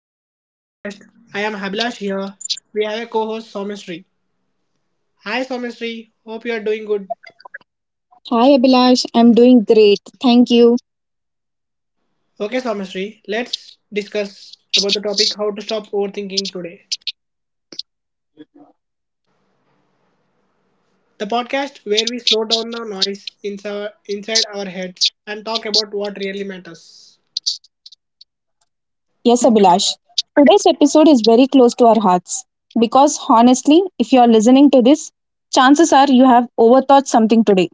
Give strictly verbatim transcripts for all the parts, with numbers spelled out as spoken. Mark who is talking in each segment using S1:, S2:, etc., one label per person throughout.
S1: welcome to our podcast. I am Habilash here. We have a co-host Somestry. Hi Somestry, hope you are doing good.
S2: Hi Abhilash, I'm doing great. Thank you.
S1: Okay Somestry, let's discuss about the topic how to stop overthinking today. The podcast where we slow down the noise inside inside our heads and talk about what really matters.
S2: Yes, Abhilash. Today's episode is very close to our hearts because honestly, if you are listening to this, chances are you have overthought something today.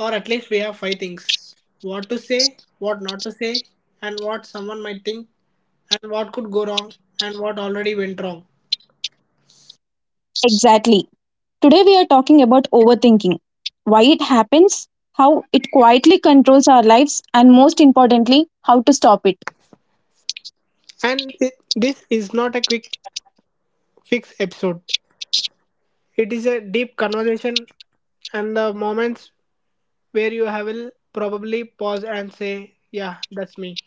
S1: Or at least we have five things. What to say, what not to say, and what someone might think and what could go wrong and what already went wrong.
S2: Exactly. Today we are talking about overthinking, why it happens, how it quietly controls our lives, and most importantly, how to stop it.
S1: And it, this is not a quick fixed episode. It is a deep conversation and the moments where you have will probably pause and say, "Yeah, that's me."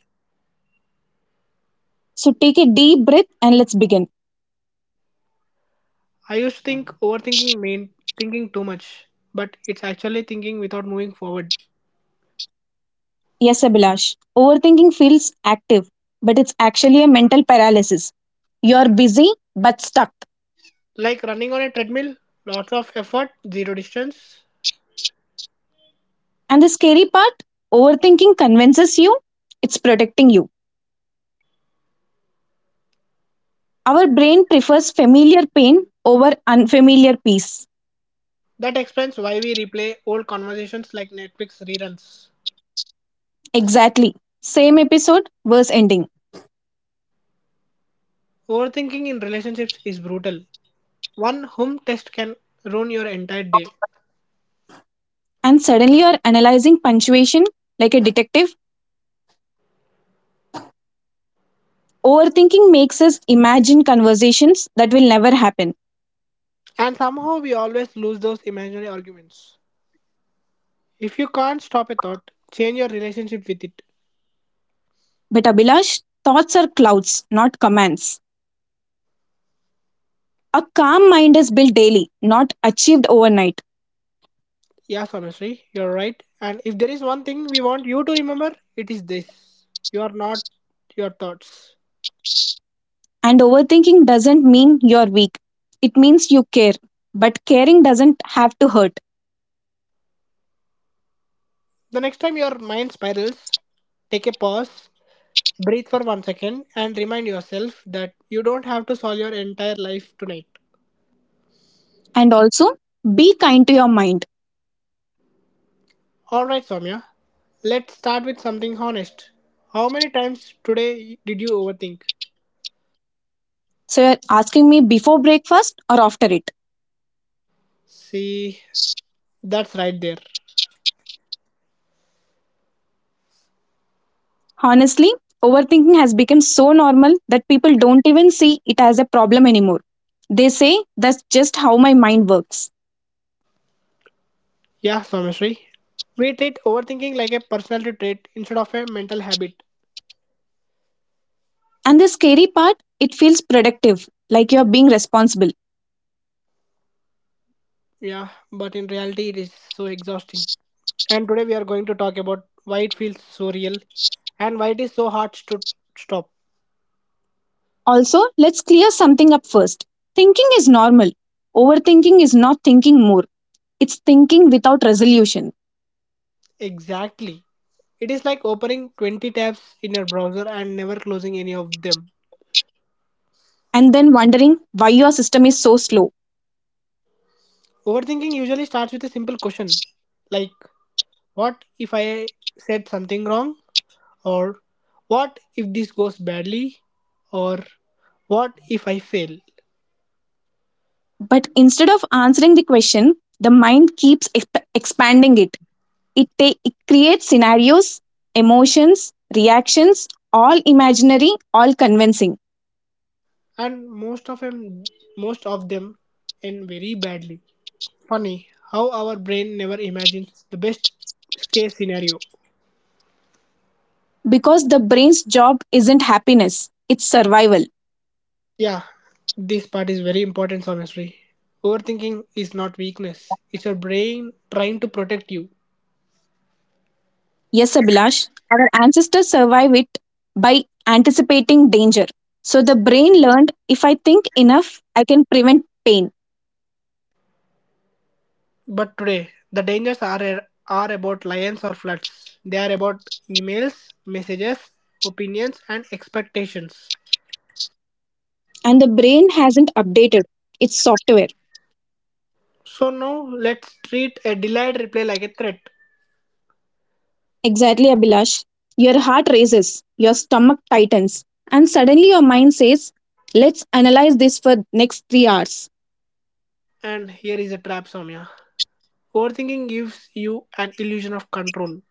S2: So take a deep breath and let's begin.
S1: I used to think overthinking meant thinking too much, but it's actually thinking without moving forward.
S2: Yes, Abhilash. Overthinking feels active, but it's actually a mental paralysis. You're busy but stuck.
S1: Like running on a treadmill, lots of effort, zero distance.
S2: And the scary part overthinking convinces you it's protecting you. Our brain prefers familiar pain over unfamiliar peace.
S1: That explains why we replay old conversations like Netflix reruns.
S2: Exactly. Same episode, verse ending.
S1: Overthinking in relationships is brutal. One whom test can ruin your entire day.
S2: And suddenly you're analyzing punctuation like a detective. Overthinking makes us imagine conversations that will never happen.
S1: And somehow we always lose those imaginary arguments. If you can't stop a thought, change your relationship with it.
S2: But Abhilash, thoughts are clouds, not commands. A calm mind is built daily, not achieved overnight.
S1: Yes, honestly, you're right. And if there is one thing we want you to remember, it is this: you are not your thoughts.
S2: And overthinking doesn't mean you're weak. It means you care. But caring doesn't have to hurt.
S1: The next time your mind spirals, take a pause, breathe for one second, and remind yourself that you don't have to solve your entire life tonight.
S2: And also, be kind to your mind.
S1: Alright, Soumya, let's start with something honest. How many times today did you overthink?
S2: So, you're asking me before breakfast or after it?
S1: See, that's right there.
S2: Honestly, overthinking has become so normal that people don't even see it as a problem anymore. They say that's just how my mind works.
S1: Yeah, Someshri. We treat overthinking like a personality trait instead of a mental habit.
S2: And the scary part, it feels productive, like you're being responsible.
S1: Yeah, but in reality, it is so exhausting. And today, we are going to talk about why it feels so real and why it is so hard to stop.
S2: Also, let's clear something up first. Thinking is normal. Overthinking is not thinking more. It's thinking without resolution
S1: Exactly. It is like opening twenty tabs in your browser and never closing any of them.
S2: and then wondering why your system is so slow.
S1: Overthinking usually starts with a simple question like, "What if I said something wrong?" or "What if this goes badly?" or "What if I fail?"
S2: But instead of answering the question, the mind keeps exp- expanding it. It, ta- it creates scenarios, emotions, reactions, all imaginary, all convincing.
S1: And most of them most of them end very badly. Funny how our brain never imagines the best case scenario.
S2: Because the brain's job isn't happiness, it's survival.
S1: Yeah, this part is very important, honestly. Overthinking is not weakness, it's your brain trying to protect you.
S2: Yes, Abhilash, our ancestors survive it by anticipating danger. So the brain learned if I think enough, I can prevent pain
S1: But today the dangers are are about lions or floods, they are about emails, messages, opinions and expectations.
S2: and the brain hasn't updated its software.
S1: So now let's treat a delayed reply like a threat.
S2: Exactly, Abhilash. Your heart races, your stomach tightens, and suddenly your mind says, let's analyze this for next three hours.
S1: And here is a trap, Soumya. Overthinking gives you an illusion of control,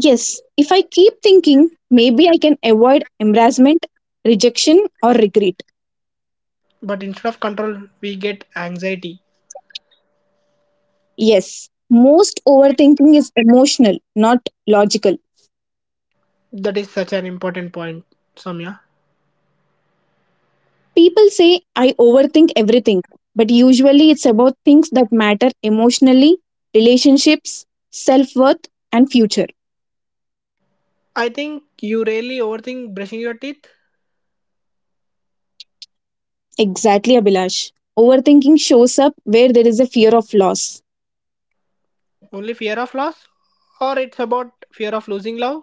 S2: Yes, if I keep thinking, maybe I can avoid embarrassment, rejection, or regret.
S1: but instead of control, we get anxiety.
S2: Yes, most overthinking is emotional, not logical.
S1: That is such an important point, Soumya.
S2: People say I overthink everything, but usually it's about things that matter emotionally, relationships, self worth, and future.
S1: I think you really overthink brushing your teeth.
S2: Exactly, Abhilash. Overthinking shows up where there is a fear of loss.
S1: Only fear of loss, or it's about fear of losing love,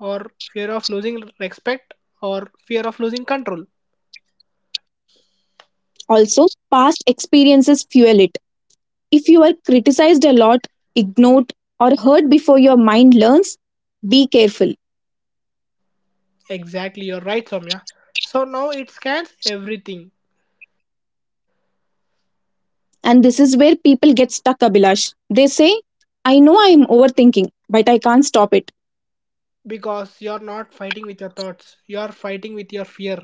S1: or fear of losing respect, or fear of losing control.
S2: Also, past experiences fuel it. If you are criticized a lot, ignored, or hurt before your mind learns, be careful.
S1: Exactly, you're right, Soumya. So now it scans everything,
S2: And this is where people get stuck, Abhilash. They say, I know I am overthinking, but I can't stop it.
S1: because you're not fighting with your thoughts, you're fighting with your fear.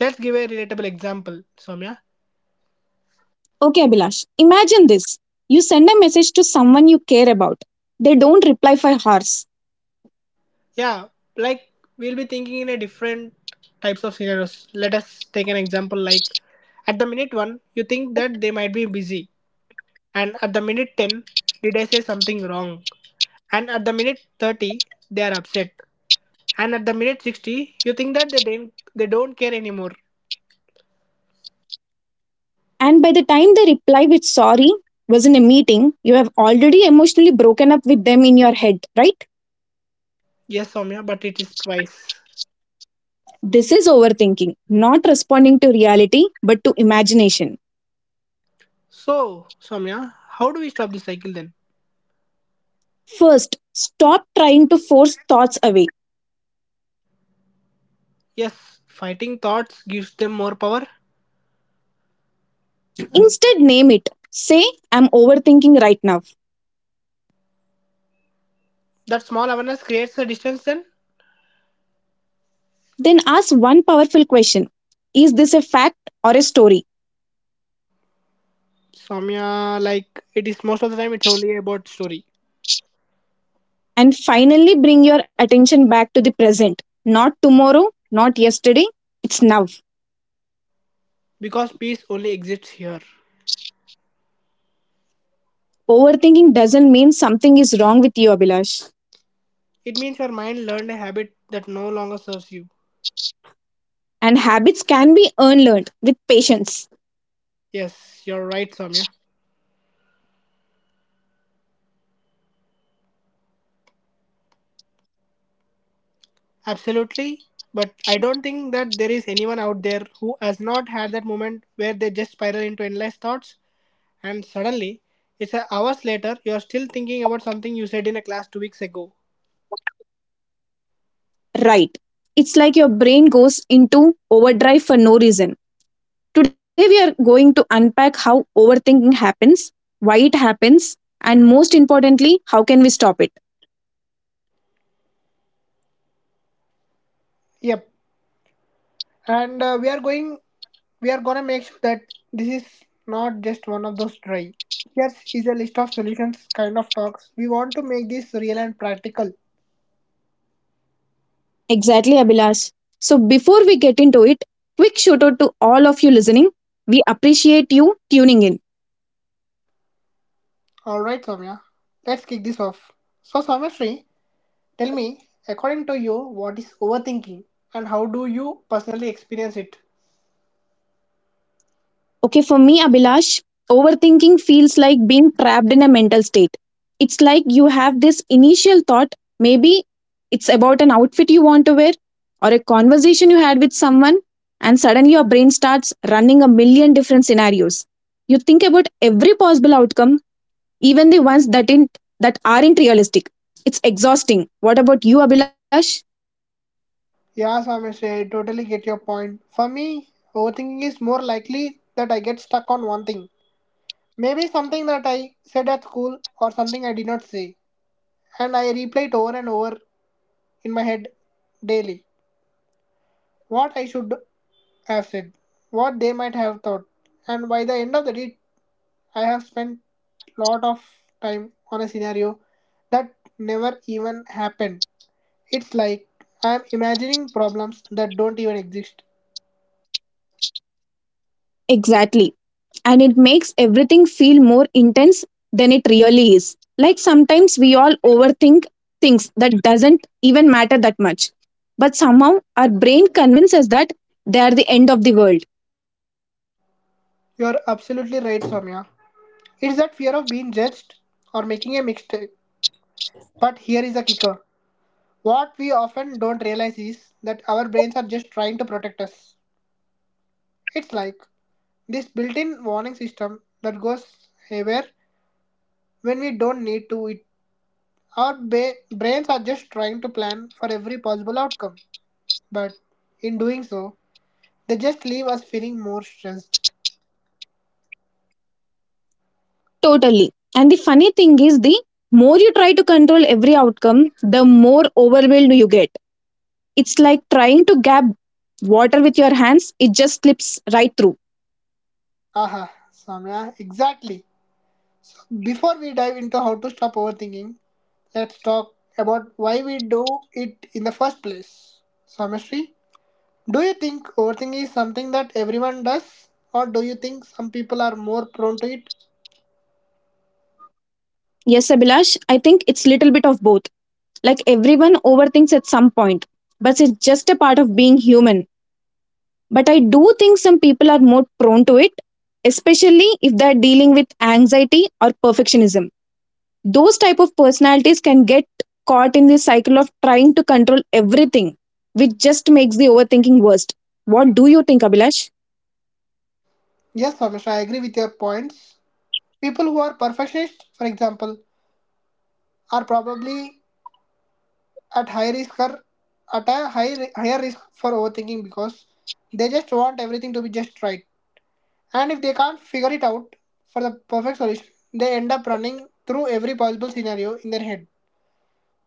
S1: Let's give a relatable example, Somya.
S2: Okay, Abhilash, imagine this. You send a message to someone you care about. They don't reply for hours.
S1: Yeah, like we'll be thinking in a different types of scenarios. Let us take an example like at the minute one you think that they might be busy, and at the minute ten did I say something wrong, and at the minute thirty they are upset, and at the minute sixty you think that they didn't, they don't care anymore.
S2: And by the time they reply with sorry, was in a meeting, you have already emotionally broken up with them in your head, right?
S1: Yes Somya, but it is twice.
S2: This is overthinking, not responding to reality, but to imagination.
S1: So Somya, how do we stop this cycle then?
S2: First, stop trying to force thoughts away.
S1: Yes, fighting thoughts gives them more power.
S2: Instead, name it. Say, I'm overthinking right now.
S1: That small awareness creates a distance then.
S2: Then ask one powerful question. Is this a fact or a story?
S1: Samya, like it is most of the time, it's only about story.
S2: And finally bring your attention back to the present. Not tomorrow, not yesterday, it's now.
S1: Because peace only exists here.
S2: Overthinking doesn't mean something is wrong with you, Abhilash.
S1: It means your mind learned a habit that no longer serves you.
S2: And habits can be unlearned with patience,
S1: Yes, you're right, Samya. Absolutely. But I don't think that there is anyone out there who has not had that moment where they just spiral into endless thoughts, and suddenly, it's a hours later, you're still thinking about something you said in a class two weeks ago.
S2: right? It's like your brain goes into overdrive for no reason. Today, we are going to unpack how overthinking happens, why it happens, and most importantly, how can we stop it?
S1: Yep. And uh, we are going We are gonna make sure that this is not just one of those dry. Here is a list of solutions kind of talks. We want to make this real and practical.
S2: Exactly, Abhilash. So before we get into it, quick shout out to all of you listening. We appreciate you tuning in.
S1: Alright, Soumya, let's kick this off. So, Soumya, tell me, according to you, what is overthinking and how do you personally experience it?
S2: Okay, for me, Abhilash, overthinking feels like being trapped in a mental state. It's like you have this initial thought, maybe it's about an outfit you want to wear or a conversation you had with someone, and suddenly your brain starts running a million different scenarios. You think about every possible outcome even the ones that in, that aren't realistic. It's exhausting. What about you, Abhilash?
S1: Yeah, Soumya, I totally get your point. For me, overthinking is more likely that I get stuck on one thing. Maybe something that I said at school or something I did not say. And I replay it over and over in my head daily: what I should have said, what they might have thought, and by the end of the day, I have spent lot of time on a scenario that never even happened. It's like I'm imagining problems that don't even exist.
S2: Exactly. And it makes everything feel more intense than it really is. Like sometimes we all overthink things that doesn't even matter that much. But somehow our brain convinces that they are the end of the world.
S1: You're absolutely right, Soumya. It's that fear of being judged or making a mistake. But here is a kicker. What we often don't realize is that our brains are just trying to protect us. It's like this built-in warning system that goes haywire when we don't need to it. Our ba- brains are just trying to plan for every possible outcome, but in doing so, they just leave us feeling more stressed.
S2: Totally. And the funny thing is the more you try to control every outcome, the more overwhelmed you get. It's like trying to grab water with your hands, it just slips right through.
S1: Aha, Samya, exactly. Before we dive into how to stop overthinking, let's talk about why we do it in the first place. Samashri, do you think overthinking is something that everyone does, or do you think some people are more prone to it?
S2: Yes, Abhilash, I think it's little bit of both. Like everyone overthinks at some point, but it's just a part of being human. But I do think some people are more prone to it, especially if they're dealing with anxiety or perfectionism. Those type of personalities can get caught in the cycle of trying to control everything, which just makes the overthinking worst. What do you think, Abhilash?
S1: Yes, Ramesh, I agree with your points. People who are perfectionists, for example, are probably at high risk or at a high, ri- higher risk for overthinking, because they just want everything to be just right. And if they can't figure it out for the perfect solution, they end up running through every possible scenario in their head.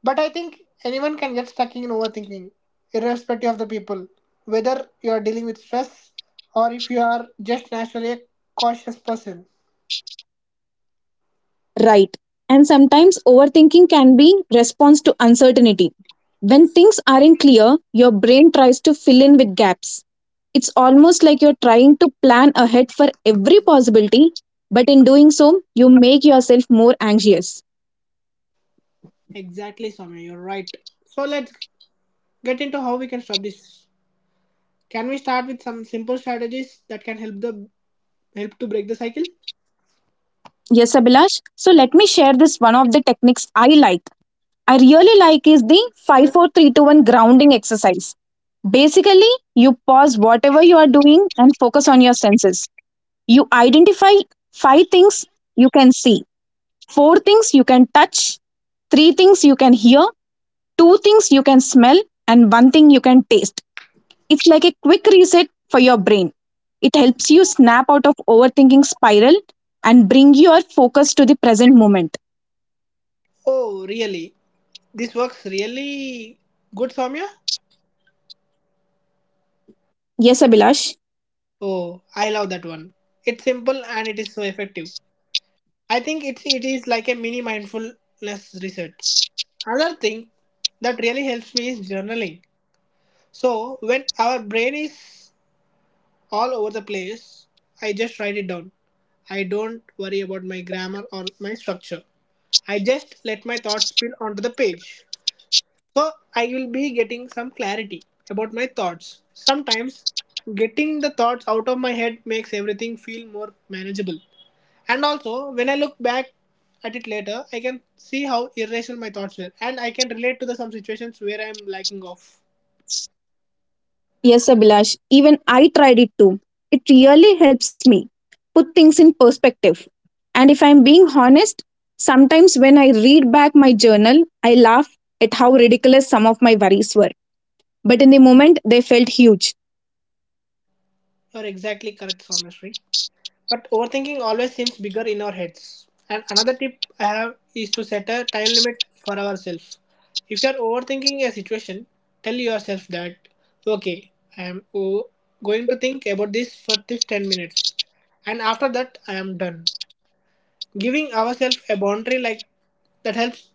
S1: But I think anyone can get stuck in overthinking, irrespective of the people, whether you are dealing with stress or if you are just naturally a cautious person.
S2: Right. And sometimes overthinking can be response to uncertainty. When things aren't clear, your brain tries to fill in with gaps. It's almost like you're trying to plan ahead for every possibility, but in doing so, you make yourself more anxious.
S1: Exactly, Soumya, you're right. So let's get into how we can stop this. Can we start with some simple strategies that can help the help to break the cycle?
S2: Yes, Abhilash. So let me share this one of the techniques I like. I really like is the five four three two one grounding exercise. Basically, you pause whatever you are doing and focus on your senses. You identify five things you can see, four things you can touch, three things you can hear, two things you can smell, and one thing you can taste. It's like a quick reset for your brain. It helps you snap out of overthinking spiral and bring your focus to the present moment.
S1: Oh, really? This works really good, Soumya.
S2: Yes, Abhilash.
S1: Oh, I love that one. It's simple and it is so effective. I think it's it is like a mini mindfulness reset. Another thing that really helps me is journaling. So when our brain is all over the place. I just write it down. I don't worry about my grammar or my structure. I just let my thoughts spill onto the page. So I will be getting some clarity about my thoughts. Sometimes getting the thoughts out of my head makes everything feel more manageable. And also, when I look back at it later, I can see how irrational my thoughts were, and I can relate to the some situations where I'm lacking off.
S2: Yes, Abhilash. Even I tried it too. It really helps me put things in perspective. And if I'm being honest, sometimes when I read back my journal, I laugh at how ridiculous some of my worries were but in the moment they felt huge.
S1: You're exactly correct, Someshri. But overthinking always seems bigger in our heads. And another tip I have is to set a time limit for ourselves. If you are overthinking a situation, tell yourself that, okay, I am o- going to think about this for this ten minutes. And after that, I am done. Giving ourselves a boundary like that helps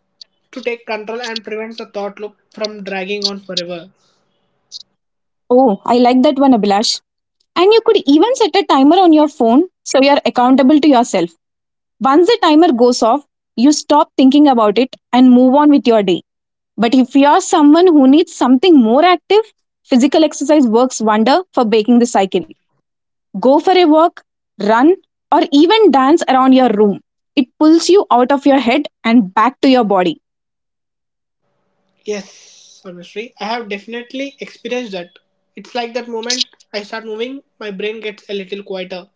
S1: to take control and prevents the thought loop from dragging on forever.
S2: Oh, I like that one, Abhilash. And you could even set a timer on your phone so you're accountable to yourself. Once the timer goes off, you stop thinking about it and move on with your day. But if you're someone who needs something more active, physical exercise works wonder for breaking the cycle. Go for a walk, run, or even dance around your room. It pulls you out of your head and back to your body.
S1: Yes, Sarveshri, I have definitely experienced that. It's like that moment I start moving, my brain gets a little quieter.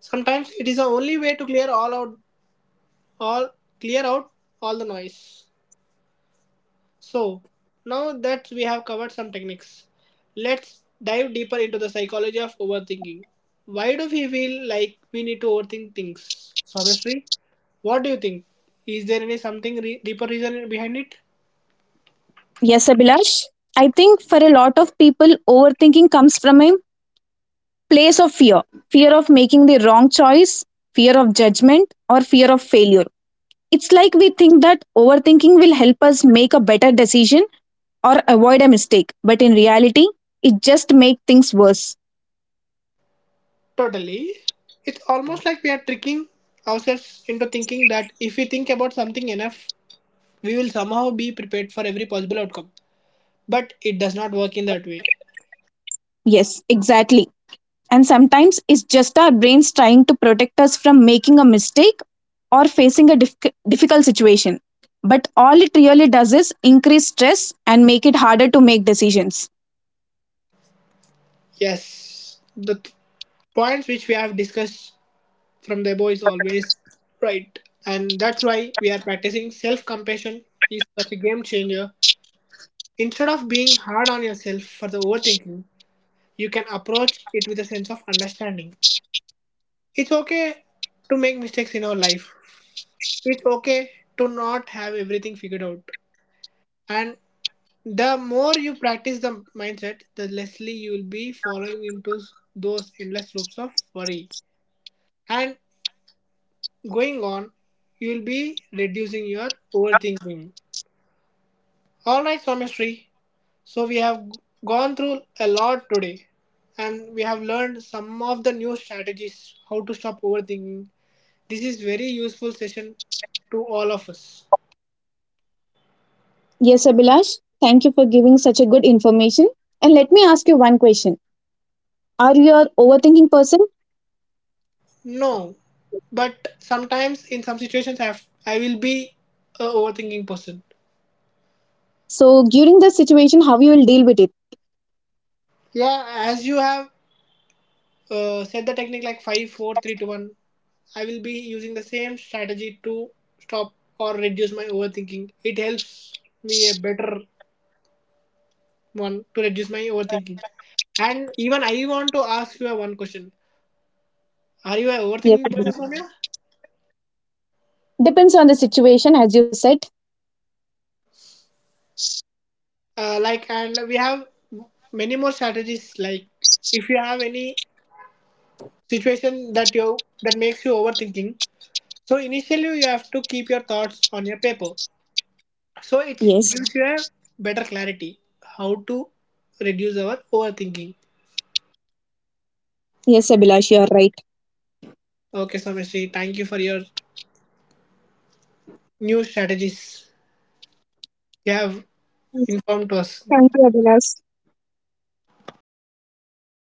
S1: Sometimes it is the only way to clear all out, all clear out all the noise. So now that we have covered some techniques, let's dive deeper into the psychology of overthinking. Why do we feel like we need to overthink things, Sarveshri? What do you think? Is there any something re- deeper reason behind it?
S2: Yes, Abhilash, I think for a lot of people, overthinking comes from a place of fear fear of making the wrong choice, fear of judgment, or fear of failure. It's like we think that overthinking will help us make a better decision or avoid a mistake, but in reality, it just makes things worse.
S1: Totally. It's almost like we are tricking ourselves into thinking that if we think about something enough, we will somehow be prepared for every possible outcome. But it does not work in that way.
S2: Yes, exactly. And sometimes it's just our brains trying to protect us from making a mistake or facing a diffi- difficult situation. But all it really does is increase stress and make it harder to make decisions.
S1: Yes, the th- points which we have discussed from the above is always right. And that's why we are practicing self compassion is such a game changer. Instead of being hard on yourself for the overthinking, you can approach it with a sense of understanding. It's okay to make mistakes in our life. It's okay to not have everything figured out, and the more you practice the mindset, the lessly you will be falling into those endless loops of worry, and going on you will be reducing your overthinking. All right somestry, so we have gone through a lot today, and we have learned some of the new strategies how to stop overthinking. This is very useful session to all of us.
S2: Yes, Abhilash, thank you for giving such a good information. And let me ask you one question. Are you an overthinking person?
S1: No, but sometimes in some situations I have, I will be a overthinking person.
S2: So during the situation, how you will deal with it?
S1: Yeah, as you have uh, said the technique like five, four, three, two, one. I will be using the same strategy to stop or reduce my overthinking. It helps me a better one to reduce my overthinking. And even I want to ask you a one question. Are you an
S2: Yes.
S1: overthinking person,
S2: Abhilash.
S1: Soumya?
S2: Depends on the situation, as you said.
S1: Uh, like, and we have many more strategies. Like, if you have any situation that you that makes you overthinking, so initially you have to keep your thoughts on your paper, so it
S2: Yes.
S1: gives you a better clarity how to reduce our overthinking.
S2: Yes, Abhilash, you are right.
S1: Okay, so thank you for your new strategies you have
S2: Yes,
S1: informed to us.
S2: thank you, Abhilash.